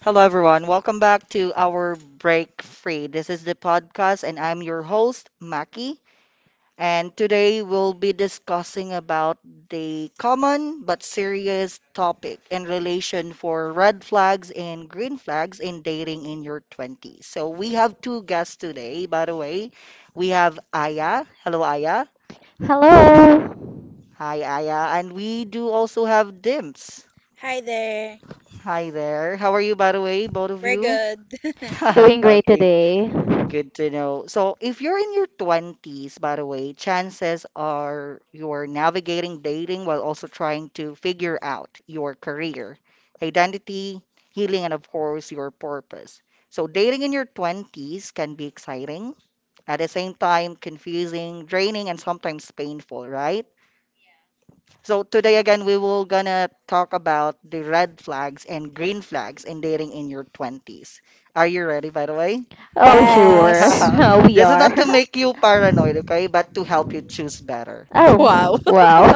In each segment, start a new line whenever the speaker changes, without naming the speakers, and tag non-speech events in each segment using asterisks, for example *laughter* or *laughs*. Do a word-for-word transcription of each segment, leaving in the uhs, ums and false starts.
Hello, everyone. Welcome back to our Break Free. This is the podcast, and I'm your host, Maki. And today we'll be discussing about the common but serious topic in relation for red flags and green flags in dating in your twenties. So we have two guests today, by the way. We have Aya. Hello, Aya.
Hello.
Hi, Aya. And we do also have Dims.
Hi there.
Hi there. How are you, by the way, both of
We're
you?
good. *laughs*
*laughs*
Doing great
Okay.
today.
Good to know. So, if you're in your twenties, by the way, chances are you're navigating dating while also trying to figure out your career, identity, healing, and of course, your purpose. So, dating in your twenties can be exciting, at the same time, confusing, draining, and sometimes painful, right? So, today again, we will gonna talk about the red flags and green flags in dating in your twenties. Are you ready, by the way?
Oh, sure.
Yes.
*laughs*
*laughs* we
This is
are.
not
*laughs*
to make you paranoid, okay, but to help you choose better.
*laughs* Wow.
Oh, wow.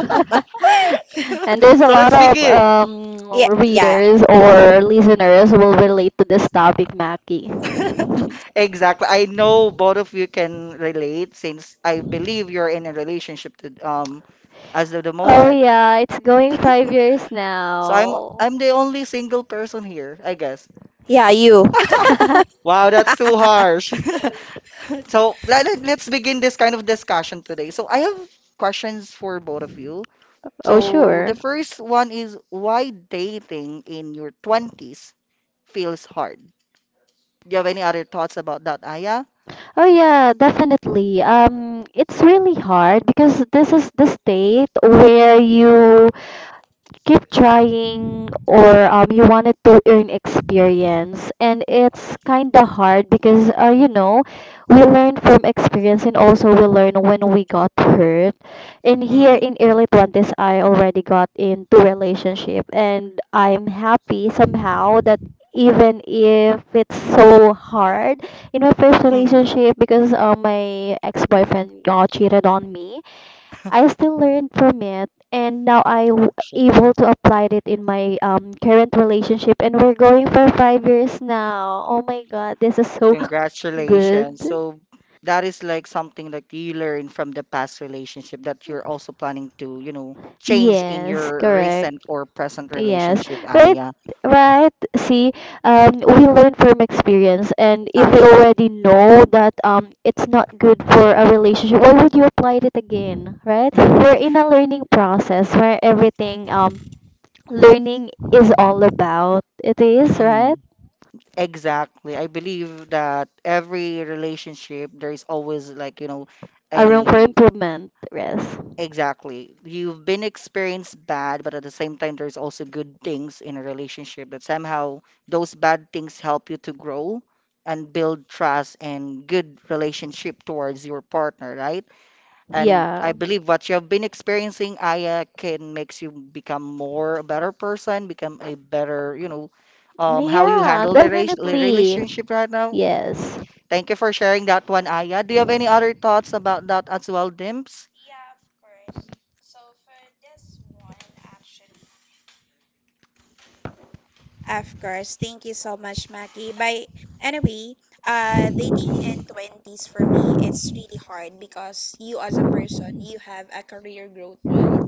*laughs* and there's a
So
lot
let's
of
begin.
um,
yeah, yeah,
readers or listeners who will relate to this topic, Maki.
*laughs* Exactly. I know both of you can relate since I believe you're in a relationship to, um as of the
*laughs* oh,
moment.
yeah. It's going five years
So I'm
now.
I'm the only single person here, I guess.
yeah, you. *laughs*
*laughs*
*laughs*
Wow, that's too harsh. *laughs* So let, let- let's begin this kind of discussion today. So I have questions for both of you.
oh,
So the
sure.
first one is why dating in your twenties feels hard? Do you have any other thoughts about that, Aya?
Oh, yeah, definitely. Um, it's really hard because this is the state where you keep trying or um, you wanted to earn experience, and it's kind of hard because uh, you know, we learn from experience and also we learn when we got hurt. And here
Hmm.
in early twenties, i already got into relationship, and i'm happy somehow that even if it's so hard in my first
Hmm,
relationship because uh, my ex-boyfriend uh, cheated on me. I still learned from it, and now I w-
actually.
able to apply it in my um current relationship, and we're going for five years now. Oh my God, this is so *laughs*
Congratulations.
good.
So that is like something that you learned from the past relationship that you're also planning to, you know, change in
Yes,
your
correct.
recent or present
Yes,
relationship,
right,
Aya.
right. See, um, we learn from experience, and if we
Actually.
already know that um, it's not good for a relationship, why would you apply it again, right? We're in
*laughs*
a learning process where everything um learning is all about. It is,
Hmm.
right?
Exactly. I believe that every relationship, there is always like, you know,
A room for
a.
improvement. Yes.
Exactly. You've been experienced bad, but at the same time, there's also good things in a relationship that somehow those bad things help you to grow and build trust and good relationship towards your partner, right? And
Yeah.
I believe what you have been experiencing, Aya, can makes you become more a better person, become a better, you know, um, how you
Yeah,
handle the rela- the
definitely.
relationship right now.
Yes.
Thank you for sharing that one, Aya. Do you have any other thoughts about that as well, Dimps?
Of course, thank you so much, Maki. By anyway, uh, Dating in twenties for me, it's really hard because you, as a person, you have a career growth, right?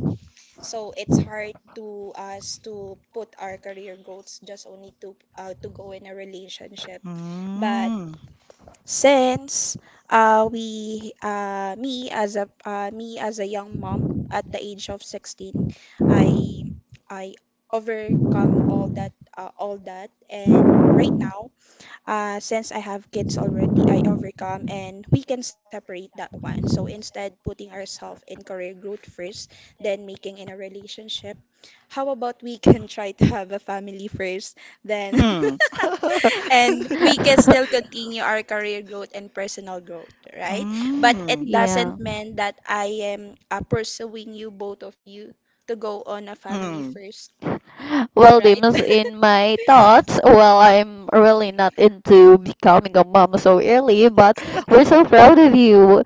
So it's hard to us to put our career growths just only to uh, to go in a relationship. But
Mm.
since uh, we uh, me as a uh, me as a young mom at the age of sixteen, i i overcome all that, uh, all that and right now, uh, since I have kids already, I overcome, and we can separate that one. So instead putting ourselves in career growth first, then making in a relationship, how about we can try to have a family first, then *laughs*
Mm. *laughs*
and we can still
*laughs*
continue our career growth and personal growth, right? But it
Mm.
yeah.
doesn't mean that I am uh, pursuing you, both of you, to go on a family
Mm.
first.
Well, Dimas,
*laughs*
in my thoughts, well, I'm really not into becoming a mom so early, but we're so proud of you.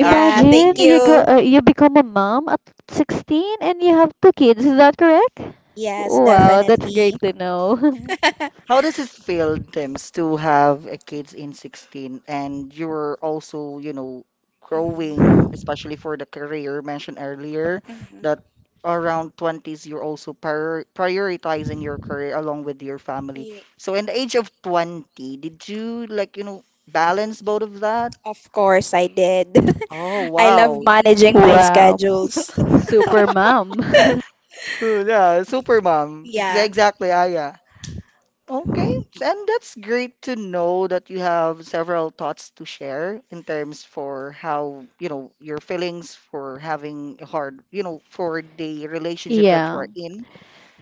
Yeah, thank
you
Actually,
go,
you.
uh, you become a mom at sixteen and you have two kids. Is that correct?
Yes,
Wow, that's
definitely.
great to know.
*laughs*
how does it feel, Dims, to have a kids in sixteen and you're also, you know, growing, especially for
Mhm.
the career mentioned earlier,
Mhm.
that around twenties you're also prior prioritizing your career along with your family.
Ye-
So in the age of twenty, did you like, you know, balance both of that?
Of course I did.
Oh,
*laughs* I love
wow.
*laughs*
managing my
wow,
schedules.
super mom.
Uh, Yeah, super mom. Ex-
Yeah.
Exactly, Aya. Okay, and that's great to know that you have several thoughts to share in terms for how, you know, your feelings for having a hard, you know, for the
*laughs*
relationship that you
yeah.
are in.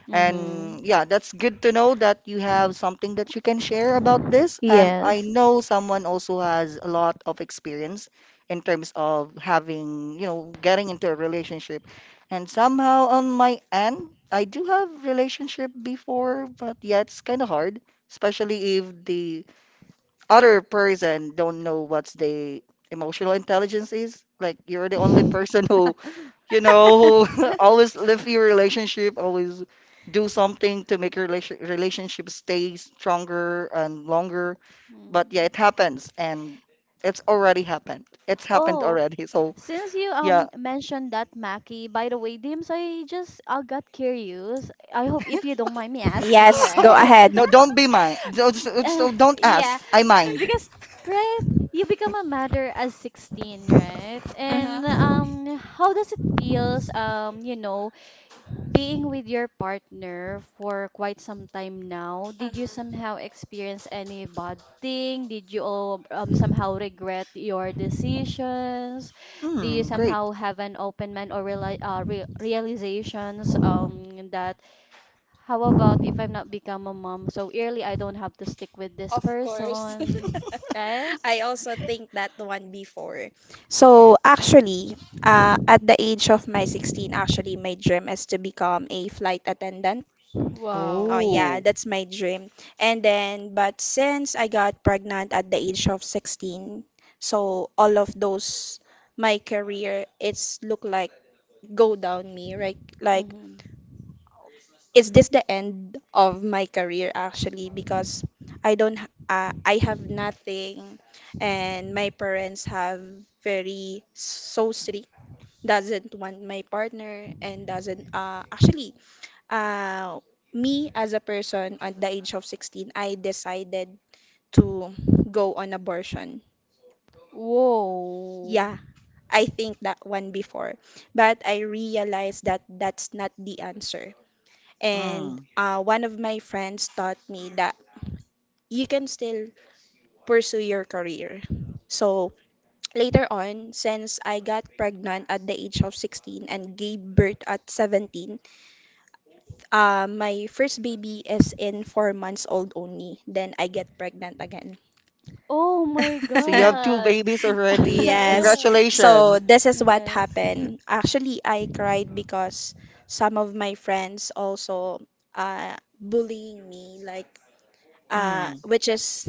Mm-hmm.
And yeah, that's good to know that you have something that you can share about this. And I
Yes.
know someone also has a lot of experience in terms of having, you know, getting into a relationship. And somehow on my end, I do have relationship before, but yeah, it's kind of hard, especially if the other person don't know what's the emotional intelligence is. Like you're the only *laughs* person who,
*laughs*
you know, *laughs* always live your relationship, always do something to make your relation- relationship stay stronger and longer. But yeah,
Mm.
it happens and it's already happened. It's happened
Oh,
already. So
since you
yeah,
um mentioned that Maki, by the way, Dims, I just I got curious. I hope if you don't mind me asking,
Yes, go
right?
*laughs*
ahead.
*laughs*
no, don't be mine. Don't,
Uh,
so don't
yeah,
ask. I mind.
because right, you become a mother at sixteen, right? And
Mm-hmm. Mm-hmm.
um, How does it feels, um, you know, being with your partner for quite some time now, did you somehow experience any bad thing? Did you all, um, somehow regret your decisions? Do you
Hmm, great.
somehow have an open mind or reali- uh, re- realizations, um, that how about if I'm not become a mom so early, I don't have to stick with this person, right?
*laughs* I also think that one before. So actually, uh, at the age of my sixteen, actually, my dream is to become a flight attendant. Oh
Wow.
yeah,
Oh.
that's my dream. And then, but since I got pregnant at the age of sixteen, so all of those my career, it's look like go down me, right? Like,
Mm-hmm.
is this the end of my career, actually? Because I don't, h- uh, I have nothing, and my parents have very so strict, doesn't want my partner, and doesn't uh actually uh, me as a person at the age of sixteen, I decided to go on abortion.
Whoa.
Yeah, I think that one before, but I realized that that's not the answer. And
Hmm.
uh, one of my friends taught me that you can still pursue your career. So later on, since I got pregnant at the age of sixteen and gave birth at seventeen, uh, my first baby is in four months old only. Then I get pregnant again.
Oh my
So you have
*laughs*
two
God.
babies already.
Yes.
*laughs*
So
Congratulations.
this is what
Congrats.
happened.
*laughs*
Actually, I cried because some of my friends also uh bullying me, like uh
Hmm.
which is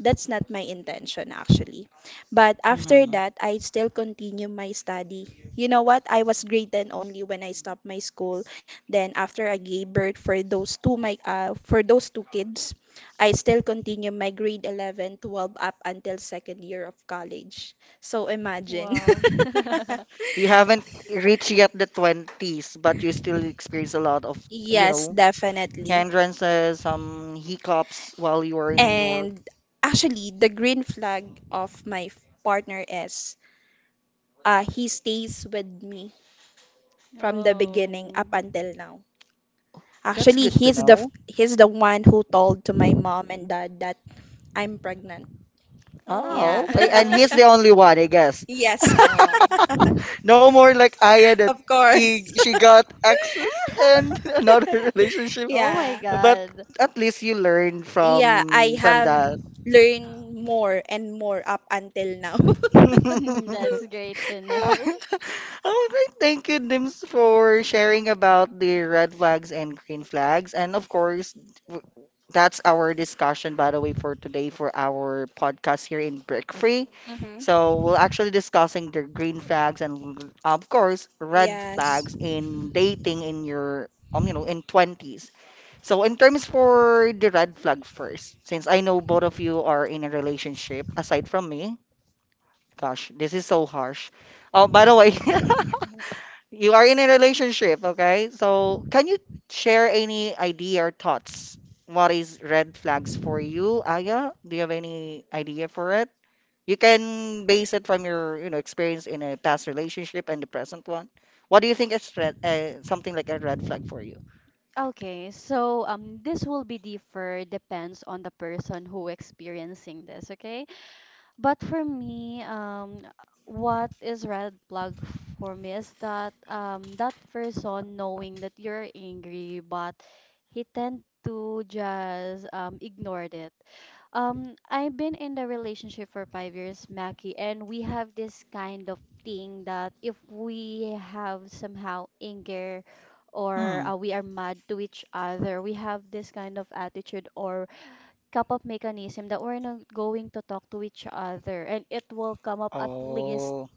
that's not my intention, actually. But after
Hmm.
that, I still continue my study. You know what? I was grade ten only when I stopped my school. Then after I gave birth for those two my uh, for those two kids, I still continue my grade eleven, twelve up until second year of college. So imagine.
Wow. *laughs*
You haven't reached yet the twenties, but
*laughs*
you still experience a lot of, you
Yes,
know,
definitely.
hindrances, some hiccups while you are in your.
And actually, the green flag of my f- partner is, uh, he stays with me from the beginning
Oh.
up until now.
And that's actually,
Actually,
good
Mm.
to he's
he's
the
the f-
know.
he's the one who told to my mom and dad that I'm pregnant.
Oh my
Oh,
Yeah.
okay. And
God.
he's
*laughs*
the only one, I guess.
yes,
Oh.
No more like Aya
*laughs*
that
of course.
he, she got exes and *laughs* another
*laughs*
relationship.
Oh my
yeah.
Yeah, but
God.
at least you learned, yeah, I
Yeah, I
from from
have
that.
learned more and more up until now. *laughs*
*laughs*
*laughs* That's great to know.
All right, thank you, Dims, for sharing about the red flags and green flags. And of course, w- that's our discussion, by the way, for today for our podcast here in Brick Free.
Mm-hmm.
So we're actually discussing the green flags and, l- of course, red
Yes,
flags in dating in your, um, you know, in twenties. So in terms for the red flag first, since I know both of you are in a relationship aside from me. Gosh, this is so harsh. Oh, by the way, *laughs* you are in a relationship, okay? So, can you share any idea or thoughts? What is red flags for you, Aya? Do you have any idea for it? You can base it from your, you know, experience in a past relationship and the present one. What do you think is red, uh, something like a red flag for you?
Okay, so um, this will be differ depends on the person who experiencing this, okay? But for me, um, what is red flag for me is that um, that person knowing that you're angry, but he tend to just um, ignored it. Um, I've been in the relationship for five years, Mackie, and we have this kind of thing that if we have somehow anger or uh,
Hmm.
we are mad to each other, we have this kind of attitude or cup of mechanism that we're not going to talk to each other, and it will come up at least
Oh.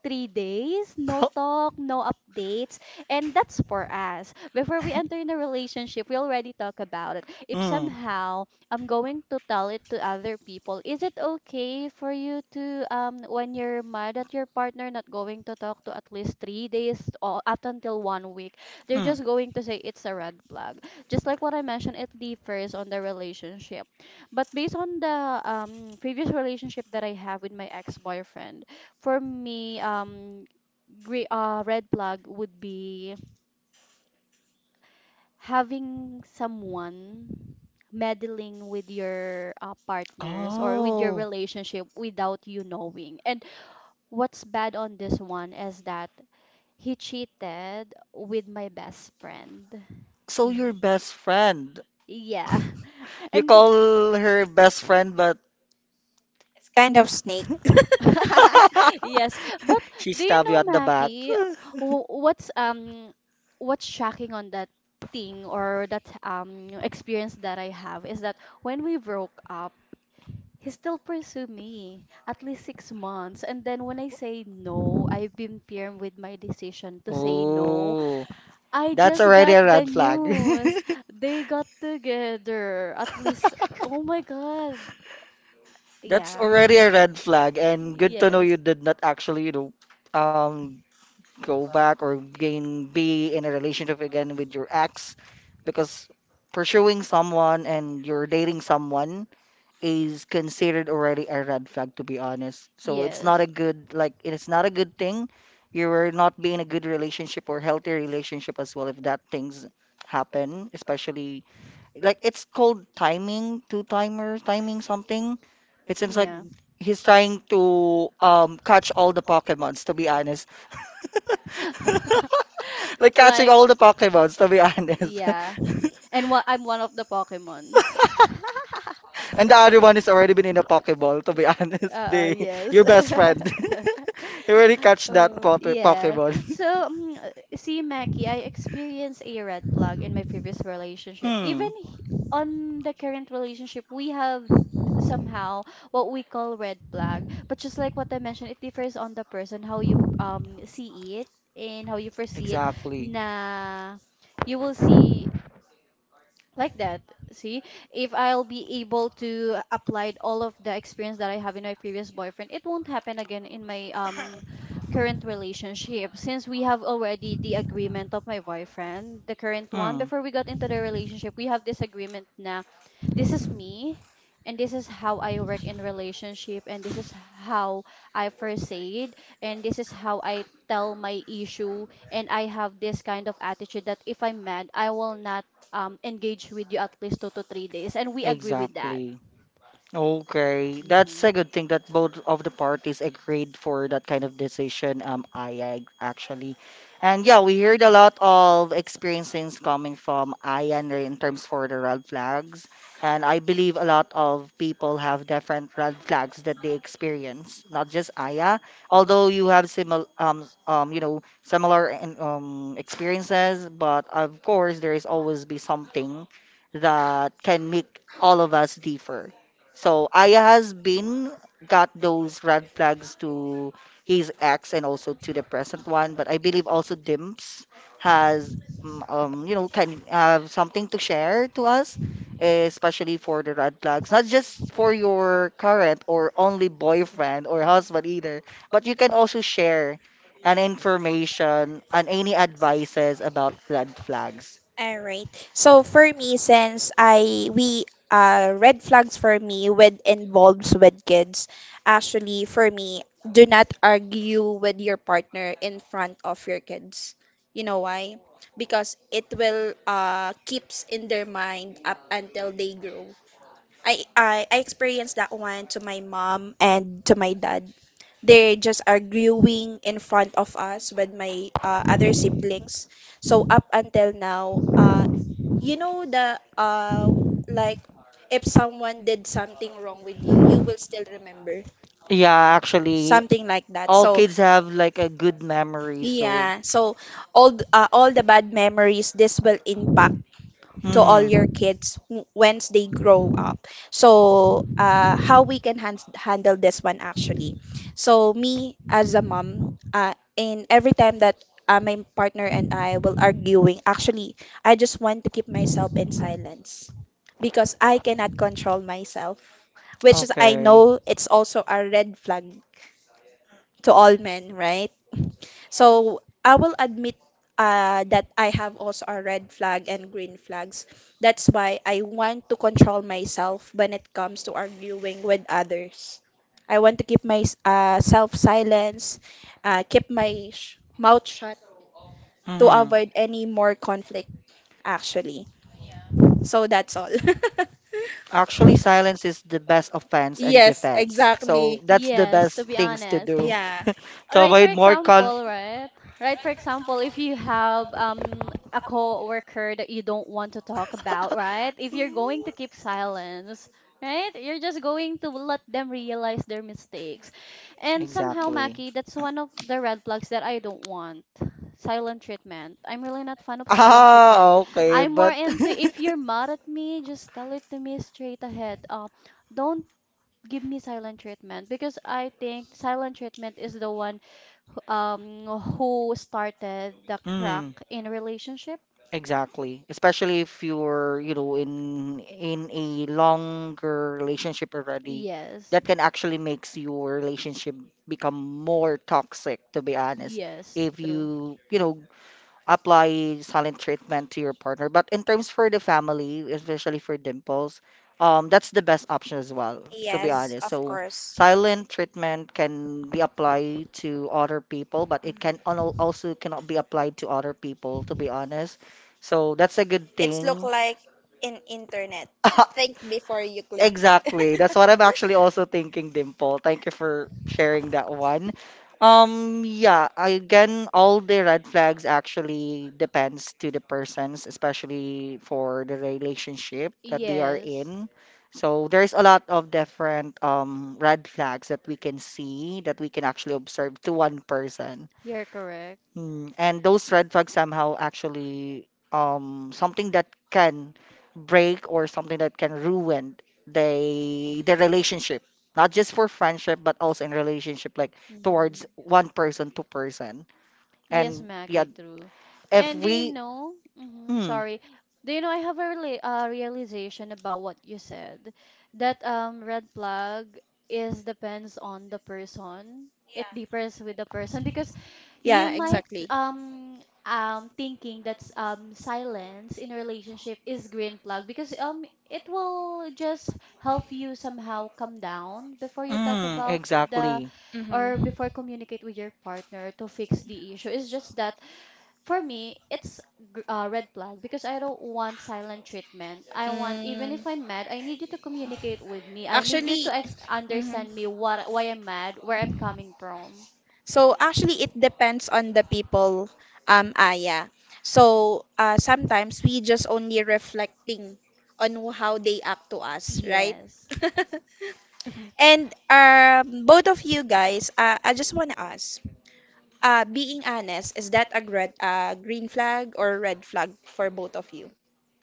three days, no talk, no
*laughs*
updates. And that's for us. Before we enter in a relationship, we already talk about it. If
Mm.
somehow I'm going to tell it to other people, is it okay for you to, um, when you're mad at your partner, not going to talk to at least three days or up until one week? They're
Mm.
just going to say it's a red flag. Just like what I mentioned, it differs on the relationship. But based on the um, previous relationship that I have with my ex boyfriend, for me, um, gre uh, red flag would be having someone meddling with your uh, partners or with your
Oh.
relationship without you knowing. And what's bad on this one is that he cheated with my best friend.
So your
Y-
best friend.
Yeah. *laughs*
You
And
call her best friend, but
kind of snake.
*laughs* Yes, but
*laughs* she
do you
stab you
know,
at the back.
Mackie,
*laughs*
wh- what's um what's shocking on that thing or that um experience that I have is that when we broke up, he still pursued me at least six months, and then when I say no, I've been firm with my decision to say no.
Oh,
I
that's
just
already
got
a
the
red flag.
news they got together at least.
*laughs*
Oh my God!
That's
Yeah,
already a red flag, and good to know
yes.
you did not actually, you know, um, go back or gain be in a relationship again with your ex because pursuing someone and you're dating someone is considered already a red flag to be honest. So it's not
Yes.
a good, like, it's not a good thing. You're not be in a good relationship or healthy relationship as well if that things happen, especially like it's called timing, two timer, timing something. It seems like
Yeah.
he's trying to um catch all the Pokemons to be honest. *laughs*
*laughs*
Like catching
like
all the Pokemons, to be honest.
yeah.
*laughs*
And what I'm one of the Pokemons.
And the other one is already been in a Pokeball, to be *laughs* honest.
Uh,
They,
yes.
your best friend.
*laughs*
*laughs* You already catch that
Oh,
po
yes.
Pokemon.
So, um, uh, see, Mackie, I experienced a red flag in my previous
*laughs*
relationship. Even
Hmm.
h- on the current relationship, we have somehow what we call red flag. But just like what I mentioned, it differs on the person, how you um see it and how you foresee it.
Exactly.
Na you will see like that see if I'll be able to apply all of the experience that I have in my previous boyfriend it won't happen again in my um current relationship since we have already the agreement of my boyfriend the current one
Hmm.
before we got into the relationship we have this agreement na this is me and this is how I work in relationship and this is how I first proceed and this is how I tell my issue and I have this kind of attitude that if I'm mad I will not um, engage with you at least two to three days. And we agree with that.
Exactly. Okay, that's
Mhm.
a good thing that both of the parties agreed for that kind of decision. Um, Aya actually, and yeah, we heard a lot of experiences coming from Aya in in terms for the red flags, and I believe a lot of people have different red flags that they experience, not just Aya. Although you have similar, um, s- um, you know, similar and um experiences, but of course there is always be something that can make all of us differ. So Aya has been got those red flags to his ex and also to the present one, but I believe also Dimps has mm, um, you know, can have something to share to us, especially for the red flags, not just for your current or only boyfriend or husband either, but you can also share an information and any advices about red flags.
All right. So for me, since I we uh red flags for me with involves with kids, actually for me, do not argue with your partner in front of your kids. You know why? Because it will uh keeps in their mind up until they grow. I I, I experienced that one to my mom and to my dad. They just arguing in front of us with my uh, other siblings. So up until now, uh, you know the uh like if someone did something wrong with you, you will still remember
Yeah, actually,
something like that.
all
So
kids have like a good memory, so.
yeah, so all th- uh, all the bad memories, this will impact to all
Mm.
your kids w- once they grow up. So, uh, how we can han- handle this one, actually. So, me as a mom, uh, in every time that, uh, my partner and I will arguing, actually, I just want to keep myself in silence because I cannot control myself, which is I
Okay.
know it's also a red flag to all men, right? So I will admit uh, that I have also a red flag and green flags. That's why I want to control myself when it comes to arguing with others. I want to keep my uh, self silence, uh, keep my sh- mouth shut to
Hmm.
avoid any more conflict, actually. So that's all.
Actually, silence is the best
*laughs*
offense and
Yes,
defense.
exactly.
So that's the
Yes, to
best
be
things to
honest.
do
Yeah.
*laughs* to
Right, for
avoid more
example,
conflict.
right? Right, for example, if you have um a coworker that you don't want to talk about,
*laughs*
right? If you're going to keep silence, right? You're just going to let them realize their mistakes. And somehow,
Exactly.
Maki, that's one of the red flags that I don't want. Silent treatment. I'm really not fan of silent treatment.
Ah, okay,
I'm more
but
into if you're mad at me, just tell it to me straight ahead. Uh, don't give me silent treatment because I think silent treatment is the one, um, who started the
*laughs*
crack
mm,
in relationship?
exactly. Especially if you're, you know, in in a longer relationship already,
Yes.
that can actually makes your relationship become more toxic, to be honest.
Yes,
If
true.
you, you know, apply silent treatment to your partner. But in terms for the family, especially for dimples, um, that's the best option as well, to be honest. So
Course.
silent treatment can be applied to other people, but it can al- also cannot be applied to other people, to be honest. So that's a good
It's look
thing.
like in internet. Think
*laughs*
before you click. *laughs*
Exactly. That's what I'm actually also thinking, Dimple. Thank you for sharing that one. Um, yeah, again, all the red flags actually depends to the persons, especially for the relationship that they are
Yes,
in. So there's a lot of different um red flags that we can see that we can actually observe to one person.
you're correct.
Mm, and those red flags somehow actually um something that can break or something that can ruin the the relationship, not just for friendship but also in relationship like
Mhm.
towards one person to person.
Yes,
And yeah,
Maggie, true.
if
And do you
we
know, hmm
mm,
sorry, do you know I have a rela- uh, realization about what you said that um red flag is depends on the person. It differs with the person because you
Yeah,
might
exactly.
um um thinking that um silence in a relationship is green flag because um it will just help you somehow come down before you talk
mm,
about the
exactly,
or
Hmm.
before communicate with your partner to fix the issue it's just that for me it's gr- uh, red flag because I don't want silent treatment I want even if
Mm.
I'm mad I need you to communicate with me I need you
Actually,
to ex-
mhm.
understand me what why I'm mad where I'm coming from
So actually, it depends on the people, um, Aya. So uh, sometimes we just only reflecting on how they act to us, right?
yes
*laughs*
*laughs*
And um, both of you guys, uh, I just want to ask, uh, being honest, is that a red, uh, green flag or red flag for both of you?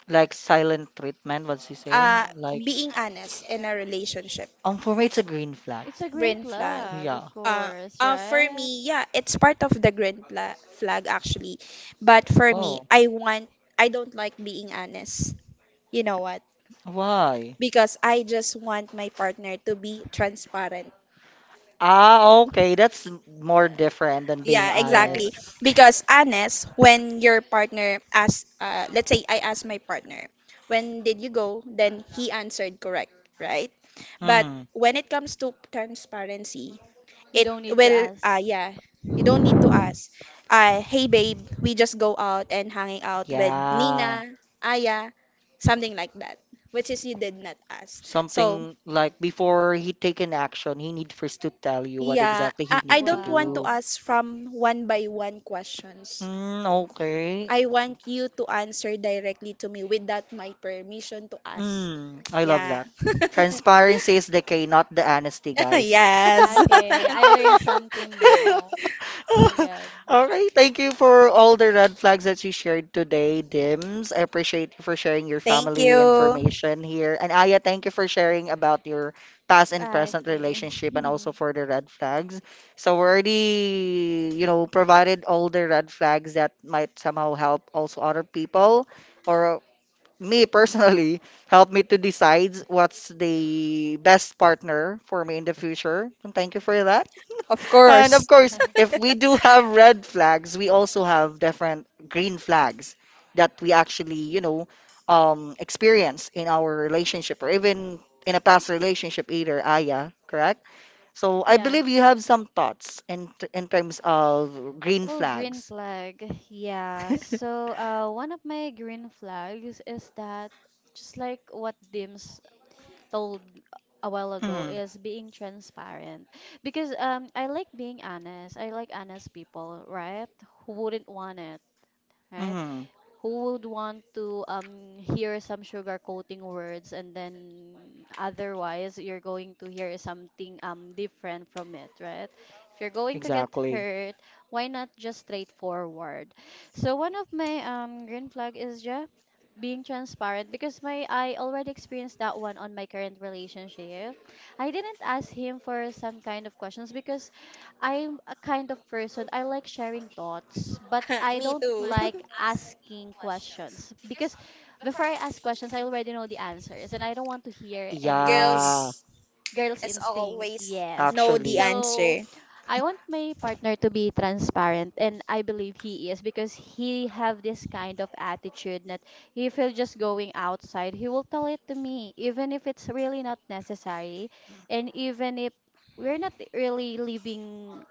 like silent treatment, what's he saying?
uh,
Like
Being honest in a relationship,
um for me it's a green flag.
it's a green
green flag.
flag of
Yeah.
Uh,
course
uh, for
right
me, yeah, it's part of the green pla- flag, actually. But for me,
Oh.
I want, I don't like being honest. You know what?
Why?
Because I just want my partner to be transparent.
Ah, okay. That's m- more different than being
Yeah,
honest.
exactly.
yes
Because honest, when your partner asks, uh, let's say I asked my partner, when did you go? Then he answered correct, right? But
Hmm.
when it comes to transparency,
you
it
don't need to
will, uh,
ask
yeah, you don't need to ask. Uh, hey babe, we just go out and hanging out with
Yeah.
Nina, Aya, something like that, which is you did not ask. So,
Something like before he take an action, he need first to tell you what
yeah,
exactly he
I, I
need to
don't want to
do.
wow.
ask from one by one questions.
Mm, okay.
I want you to answer directly to me without my permission to ask.
Mm, I love
Yeah.
that. Transparency is the key, not the honesty,
*laughs*
guys.
Yes.
Okay, I learned something now.
*laughs*
My
*laughs* *laughs*
God.
Okay, thank you for all the red flags that you shared today, Dims. I appreciate you for sharing your
Thank
family
you.
information here. And Aya, thank you for sharing about your past and present
Okay.
relationship and also
*laughs*
for the red flags. So we already, you know, provided all the red flags that might somehow help also other people or me personally *laughs* help me to decide what's the best partner for me in the future. And thank you for that.
Of
And of
course.
course, if
*laughs*
we do have red flags, we also have different green flags that we actually, you know, um, experience in our relationship or even in a past relationship either, Aya, correct? So I
Yeah.
believe you have some thoughts in in terms of green
Oh, green
flags.
flag. Yeah.
*laughs*
So, uh, one of my green flags is that just like what Dims told a while ago
mm,
is being transparent because um I like being honest. I like honest people, right? Who wouldn't want it, right?
mm,
Who would want to um, hear some sugarcoating words and then otherwise you're going to hear something um, different from it, right? If you're going to get
exactly.
hurt, why not just straightforward? So one of my um, green flag is just being transparent because my I already experienced that one on my current relationship. I didn't ask him for some kind of questions because I'm a kind of person I like sharing thoughts, but I
Me
don't
too.
like
*laughs*
asking questions because before I ask questions, I already know the answers and I don't want to hear any
Yeah,
Girls,
girl's
as
instinct.
always,
Yes.
know the
actually.
So
answer.
I want my partner to be transparent, and I believe he is because he have this kind of attitude that if he'll just going outside, he will tell it to me even if it's really not necessary and even if we're not really living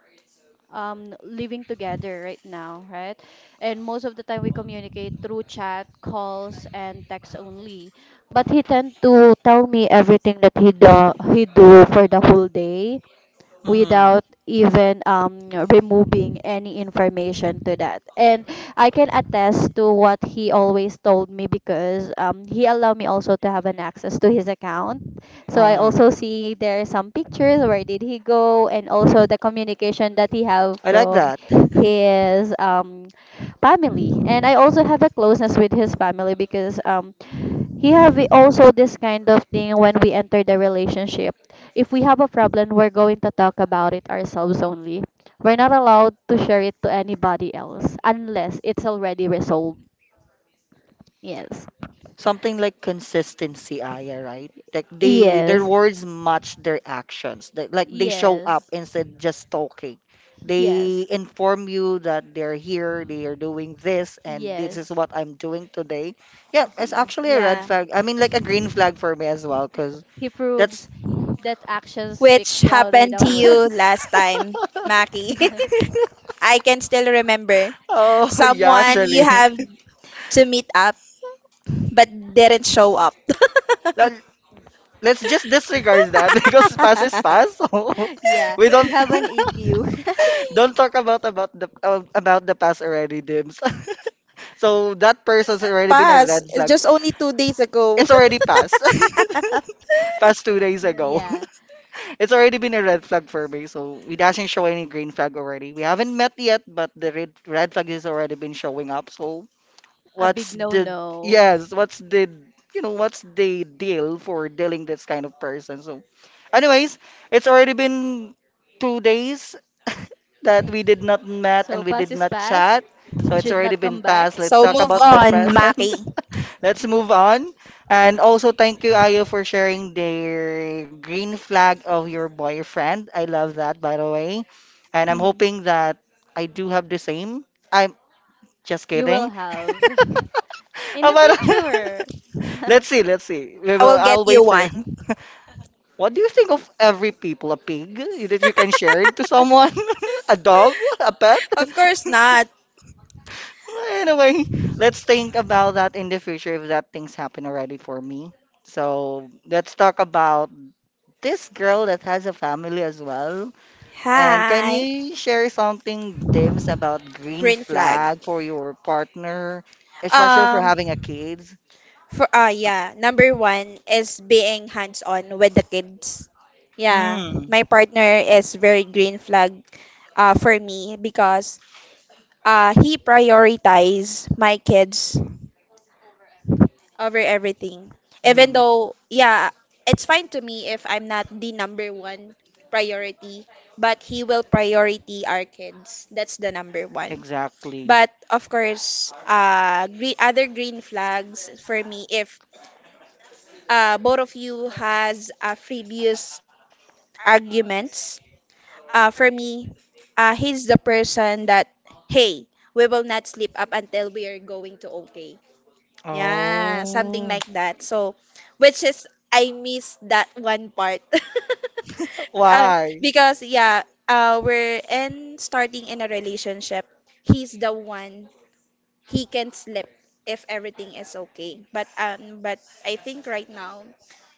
um, living together right now, right? And most of the time we communicate through chat, calls, and text only. But he tend to tell me everything that he do, he do for the whole day
Mm,
without even um removing any information to that. And I can attest to what he always told me because um he allowed me also to have an access to his account. So I
um,
also see there are some pictures where did he go and also the communication that he have
I like
from
that.
his um family. And I also have a closeness with his family because um here we also this kind of thing when we enter the relationship. If we have a problem, we're going to talk about it ourselves only. We're not allowed to share it to anybody else unless it's already resolved. Yes.
Something like consistency, Aya, right? Like they their
Yes.
words match their actions. They, like they show up
Yes.
instead just talking. They
Yes.
inform you that they're here, they are doing this, and this is
Yes.
what I'm doing today. Yeah, it's
Yes.
actually a red
Yeah.
flag. I mean, like a green flag for me as well, because
He
that's
proves that action
Which
speaks louder
happened to
than
you
*laughs*
words.
last time, Maki? *laughs*
*laughs*
I can still remember.
oh *laughs* yeah,
Someone you
actually.
have to meet up but didn't show up.
*laughs* Let- Let's just disregard that *laughs* because past is
*laughs*
past. So *laughs*
Yeah,
we
you
don't
have an
*laughs*
E Q.
don't talk about about the uh, about the past already, Dims. *laughs* So that person's already been a
Pass.
red
It's
flag.
just only two days ago.
It's already passed.
*laughs*
*laughs* Passed two days
*laughs*
ago.
Yeah.
*laughs* It's already been a red flag for me. So it doesn't show any green flag already. We haven't met yet, but the red red flag has already been showing up. So
A
what's
big no
the
no.
yes, what's the, you know, what's the deal for dealing this kind of person? So anyways, it's already been two days *laughs* that we did not met
So
and we
pass
did
is
not
pass.
chat. So it's
Should not
already
come
been passed.
back,
Let's
So
talk
move
about the
on,
present. *laughs*
Maki.
Let's move on. And also, thank you, Ayo, for sharing the green flag of your boyfriend. I love that, by the way. And I'm
*laughs*
hoping that I do have the same. I'm just
you will
kidding. *laughs*
have in
Ah,
the
but
future.
*laughs*
*laughs*
let's see, let's see. We
I
will,
will get
I'll
you
wait for *laughs*
one.
it. What do you think of every people? A pig that you can share it to someone? *laughs* A dog? A pet? *laughs*
Of course not.
Anyway, let's think about that in the future if that things happen already for me. So let's talk about this girl that has a family as well. And can
Hi.
you share something, Dims, about green
Green flag.
flag for your partner, especially for
Um,
having a kids?
for ah yeah, number one is being hands on with the kids. Yeah,
Mm.
my partner is very green flag, uh, for me because uh, he prioritizes my kids over everything. Even
Mm.
though, yeah, it's fine to me if I'm not the number one priority, but he will priority our kids. That's the number one.
Exactly.
But of course, uh, green, other green flags for me if uh, both of you has uh, previous arguments. Uh, for me, uh, he's the person that hey, we will not sleep up until we are going to OK. Yeah, something
Oh,
like that. So, which is I miss that one part. *laughs* uh,
why?
because yeah, uh, we're in starting in a relationship. He's the one he can slip if everything is okay. But um, but I think right now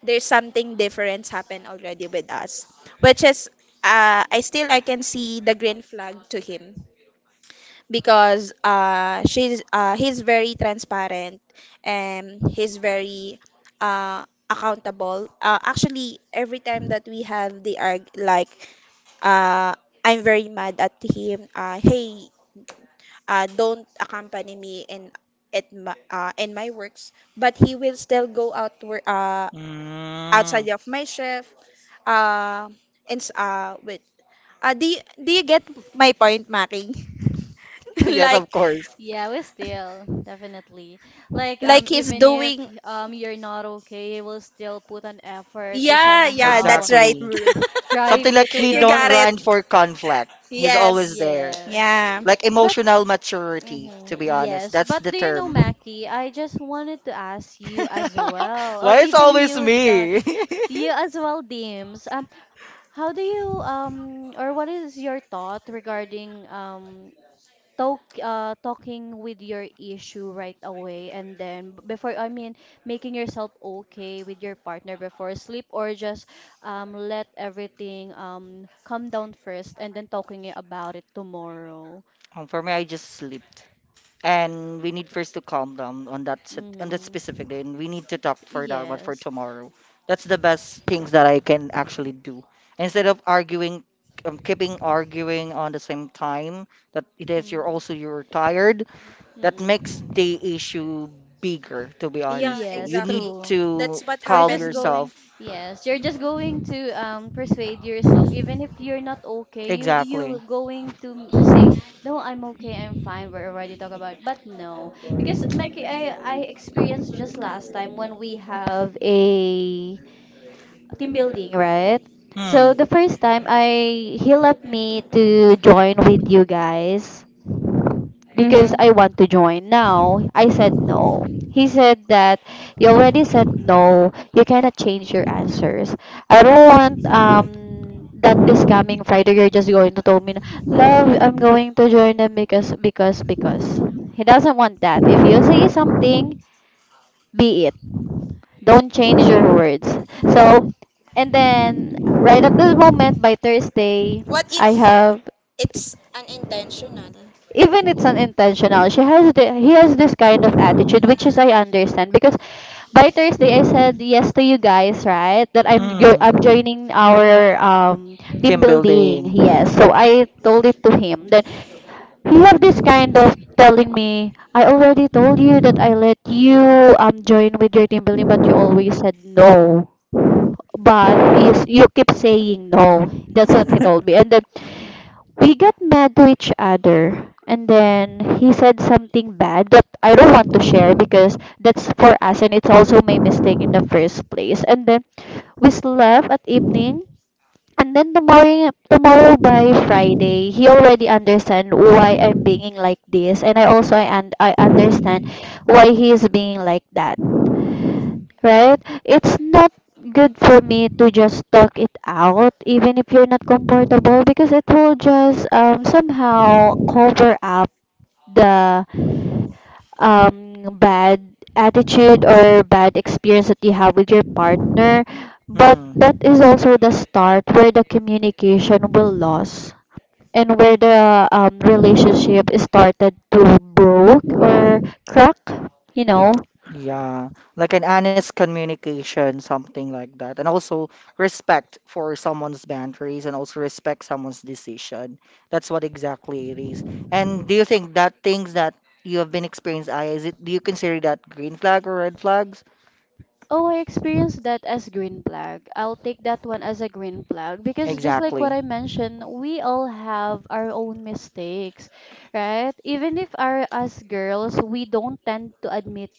there's something different happen already with us, which is, uh, I still I can see the green flag to him because uh she's uh he's very transparent and he's very uh accountable. Uh, actually, every time that we have the arg like uh I'm very mad at him, uh hey, uh don't accompany me in at my, uh, in my works, but he will still go out wor- uh
Mm.
outside of my
*laughs*
shift uh and s- uh with uh do you, do you get my point, Maki?
Yes,
*laughs* like
of course.
Yeah, we still definitely like um
like he's
even if
doing.
um you're not okay, you will still put an effort to
Yeah, yeah,
somehow
that's right.
Exactly.
r- drive
Something
you
like
to
*laughs*
he
You
your
don't
got it.
work.
run for conflict. He's always
Yes.
there.
Yes,
Yeah.
Like
but
emotional maturity,
mhm,
to be honest.
yes,
That's
but
the
do you know,
term.
Mackie? I just wanted to ask you as
*laughs*
well, or
Why it's
even
always
you, Dot.
me?
You
*laughs*
as well, Dims. How do you um or what is your thought regarding um talk uh talking with your issue right away, and then b- before, I mean, making yourself okay with your partner before sleep, or just um let everything um come down first and then talking i- about it tomorrow.
Um, for me, I just slept. And we need first to calm down on that sit- on that
Mm-hmm.
specific day, and we need to talk for that one for
Yes.
tomorrow. That's the best things that I can actually do instead of arguing, um, keeping arguing on the same time. That it is you're also
Mm-hmm.
you're tired. That makes
Mm-hmm.
the issue bigger, to be yeah,
Yeah,
honest. So
Yes,
you need
exactly.
true.
to
That's what
You're
calm
just
happened.
going,
yourself.
yes, you're just going to um persuade yourself, even if you're not okay. You
Exactly.
you're going to m- say, no, I'm okay, I'm fine. We're already talk about, but no, because Meki, I I experienced just last time when we have a team building, right? So
Mm.
the first time I he left me to join with you guys because
Mm-hmm.
I want to join now. I said no. He said that you already said no. You cannot change your answers. I don't want um that this coming Friday you're just going to tell me, na, love, I'm going to join them because, because, because. He doesn't want that. If you say something, be it. Don't change your words. So and then right at this moment by Thursday,
What
I
if
have,
it's unintentional?
even it's unintentional. She has the, he has this kind of attitude, which is I understand, because by Thursday I said yes to you guys, right? That i'm jo- I'm
Mm.
joining our um team
Team building.
building. Yes,
*laughs*
so I told it to him. Then he have this kind of telling me, I already told you that I let you um join with your team building, but you always said no. But you, s- you keep saying no. That's what he told me. And then we got mad to each other, and then he said something bad that I don't want to share because that's for us, and it's also my mistake in the first place. And then we slept at evening, and then tomorrow tomorrow by Friday he already understand why I'm being like this, and I also I, and I understand why he is being like that, right? It's not good for me to just talk it out, even if you're not comfortable, because it will just um, somehow cover up the um, bad attitude or bad experience that you have with your partner. But
Mm.
that is also the start where the communication will lose and where the um, relationship is started to broke or crack, you know.
Yeah, like an honest communication, something like that. And also respect for someone's boundaries and also respect someone's decision. That's what exactly it is. And do you think that things that you have been experienced, I, is it, do you consider that green flag or red flags?
Oh, I experienced that as green flag. I'll take that one as a green flag because, just like
Exactly.
what I mentioned, we all have our own mistakes, right? Even if our us girls, we don't tend to admit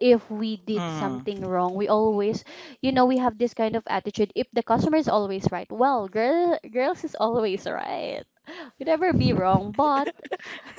if we did
Mm,
something wrong. We always, you know, we have this kind of attitude. If the customer is always right, well, girl, girls is always right. We never be wrong, but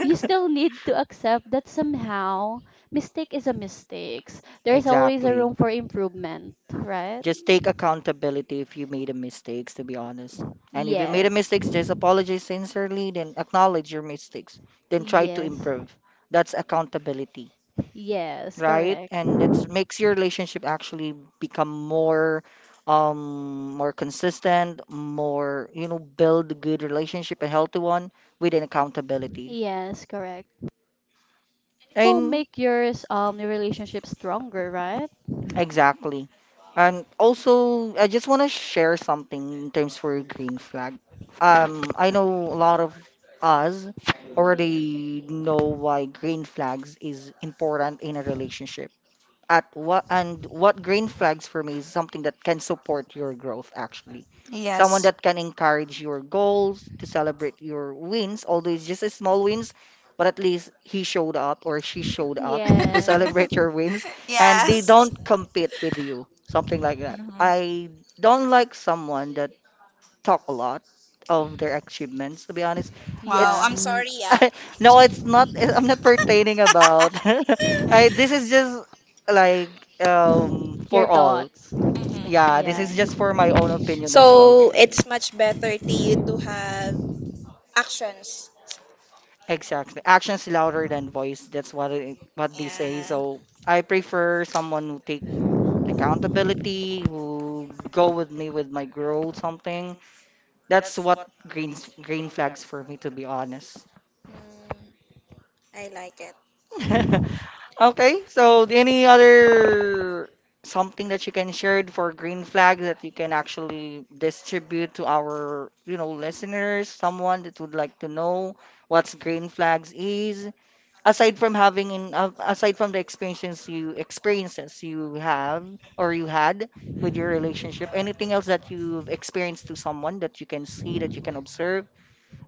you still need to accept that somehow
*laughs*
mistake is a mistake. There's always a
exactly.
room for improvement, right?
Just take accountability if you made a mistakes, to be honest. And if you made a
Yes.
mistakes, just apologize sincerely, then acknowledge your mistakes, then try to
Yes.
improve. That's accountability,
Yes,
right?
correct.
And that makes your relationship actually become more um more consistent, more, you know, build a good relationship, a healthy one with an accountability.
Yes, correct. Will
And
make yours um your relationship stronger, right?
exactly. And also, I just want to share something in terms for green flag. Um, I know a lot of us already know why green flags is important in a relationship at what and what green flags for me is something that can support your growth, actually. Someone
Yes.
that can encourage your goals,
*laughs*
to celebrate your wins, although it's just a small wins, but at least he showed up or she showed up to
Yes.
celebrate your wins, and they
Yes.
don't compete with you, something like that.
Mhm.
I don't like someone that talk a lot of their achievements. To be honest,
Wow,
it's
Yeah.
I'm
n-
sorry, yeah.
*laughs* no, it's not. *laughs* I'm not pertaining about.
*laughs*
*laughs* I this is just like um
Your
for all.
thoughts.
Yeah, this
Yeah.
is just for my own opinion as well.
So it's much better to you to have actions.
Exactly. Actions louder than voice. That's what it, what they say.
Yeah.
So I prefer someone who take accountability, who go with me with my growth, something. That's what green green flags for me, to be honest.
Mm, I like it.
*laughs* Okay, so any other something that you can share for green flag that you can actually distribute to our, you know, listeners, someone that would like to know what's green flags is, aside from having in uh, aside from the experiences you experiences you have or you had with your relationship, anything else that you've experienced to someone that you can see, that you can observe,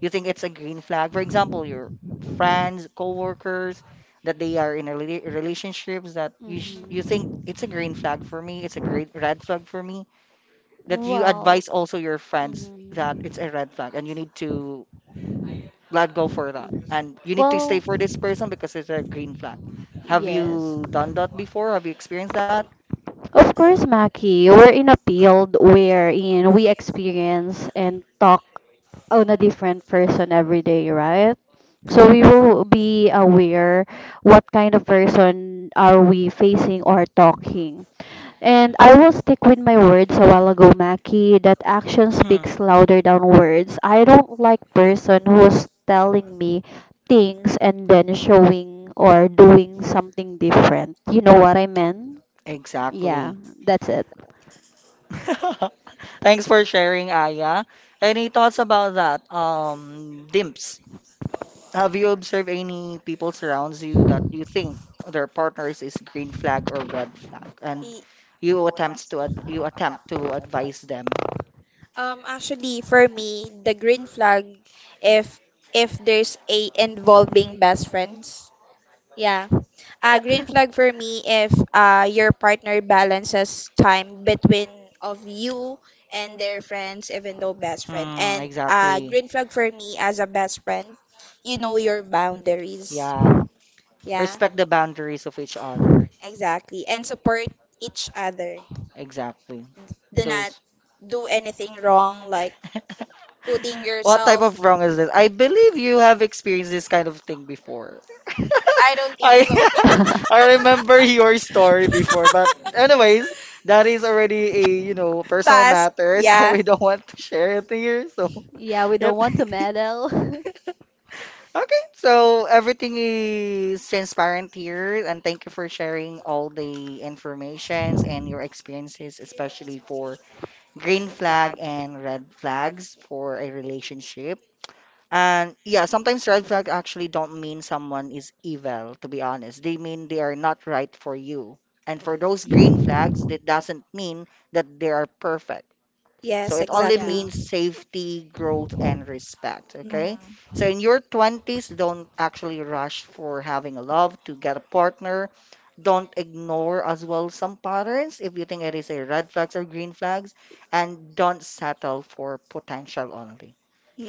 you think it's a green flag? For example, your friends, coworkers, that they are in a rela- relationships that you sh you
Mm.
think
Mhm.
it's a green flag for me, it's a great red flag for me, that you advise
Well.
also your friends that it's
Mm-hmm.
a red flag and you need to let go for that,
Mm-hmm.
and you need to stay
Well,
for this person because it's a green flag. Have you
yes.
done that before? Have you experienced that?
Of course, Maki, we're in a field wherein we experience and talk on a different person every day, right? So we will be aware what kind of person are we facing or talking. And I will stick with my words a while ago, Maki, that action
Hmm,
speaks louder than words. I don't like person who's telling me things and then showing or doing something different. You know what I meant? Yeah,
exactly.
that's it.
*laughs* Thanks for sharing, Aya. Any thoughts about that? Um, Dimps. Have you observed any people surrounds you that you think their partners is green flag or red flag, and
E-
you attempts to ad you attempt to advise them?
Um, actually, for me, the green flag, if if there's a involving best friends. Yeah. A green flag for me if uh, your partner balances time between of you and their friends, even though best friend.
Mm,
And uh,
exactly.
green flag for me as a best friend, you know your boundaries.
Yeah,
Yeah.
respect the boundaries of each other.
Exactly. And support each other.
Exactly.
Do not
Those.
do anything wrong, like putting
What type
yourself.
of wrong is this? I believe you have experienced this kind of thing before. I
I don't
*laughs*
think
I
so.
so. *laughs* I
*laughs*
remember your story before, but anyways, that is already a you know
*laughs*
personal
Pass.
matter, *laughs* so
Yeah.
we don't want to share it here. So
Yeah, we
yep.
don't want to
*laughs*
meddle.
Okay, so everything is transparent here, and thank you for sharing all the informations and your experiences, especially for green flag and red flags for a relationship. And yeah, sometimes red flag actually don't mean someone is evil, to be honest. They mean they are not right for you. And for those green flags, that doesn't mean that they are perfect. So
Yes,
it only
exactly.
Yeah. *laughs*
means safety, growth, and respect.
Mm. Thank.
Okay. So in your twenties, don't actually rush for having a love to get a partner. Don't ignore as well some patterns if you think it is a red flags or green flags. And don't settle for potential only.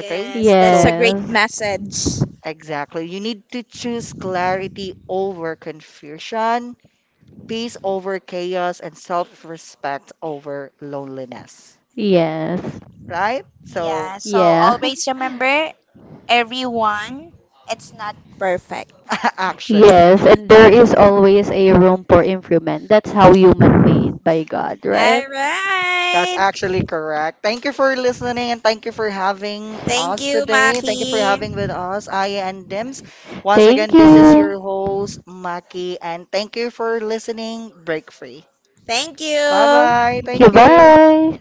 Okay?
that's a
So,
great
Yes,
message. So
exactly. You need to choose clarity over confusion, peace over chaos, and self-respect over loneliness.
yes,
Right? So,
yeah, so
yeah.
always remember everyone, it's not perfect.
*laughs*
*laughs* actually.
Yes. And there is always a room for improvement. That's how human made by God, right?
All
That's
right.
actually correct. Thank you for listening and thank you for having
Thank
us
you, and
today. Thank you for having
Maki.
with us, Aya and Dims. Once again,
Thank
this is
you.
your host, Maki, and thank you for listening. Break free.
Thank
Bye
you.
bye.
Thank you.
Thank you.
Bye.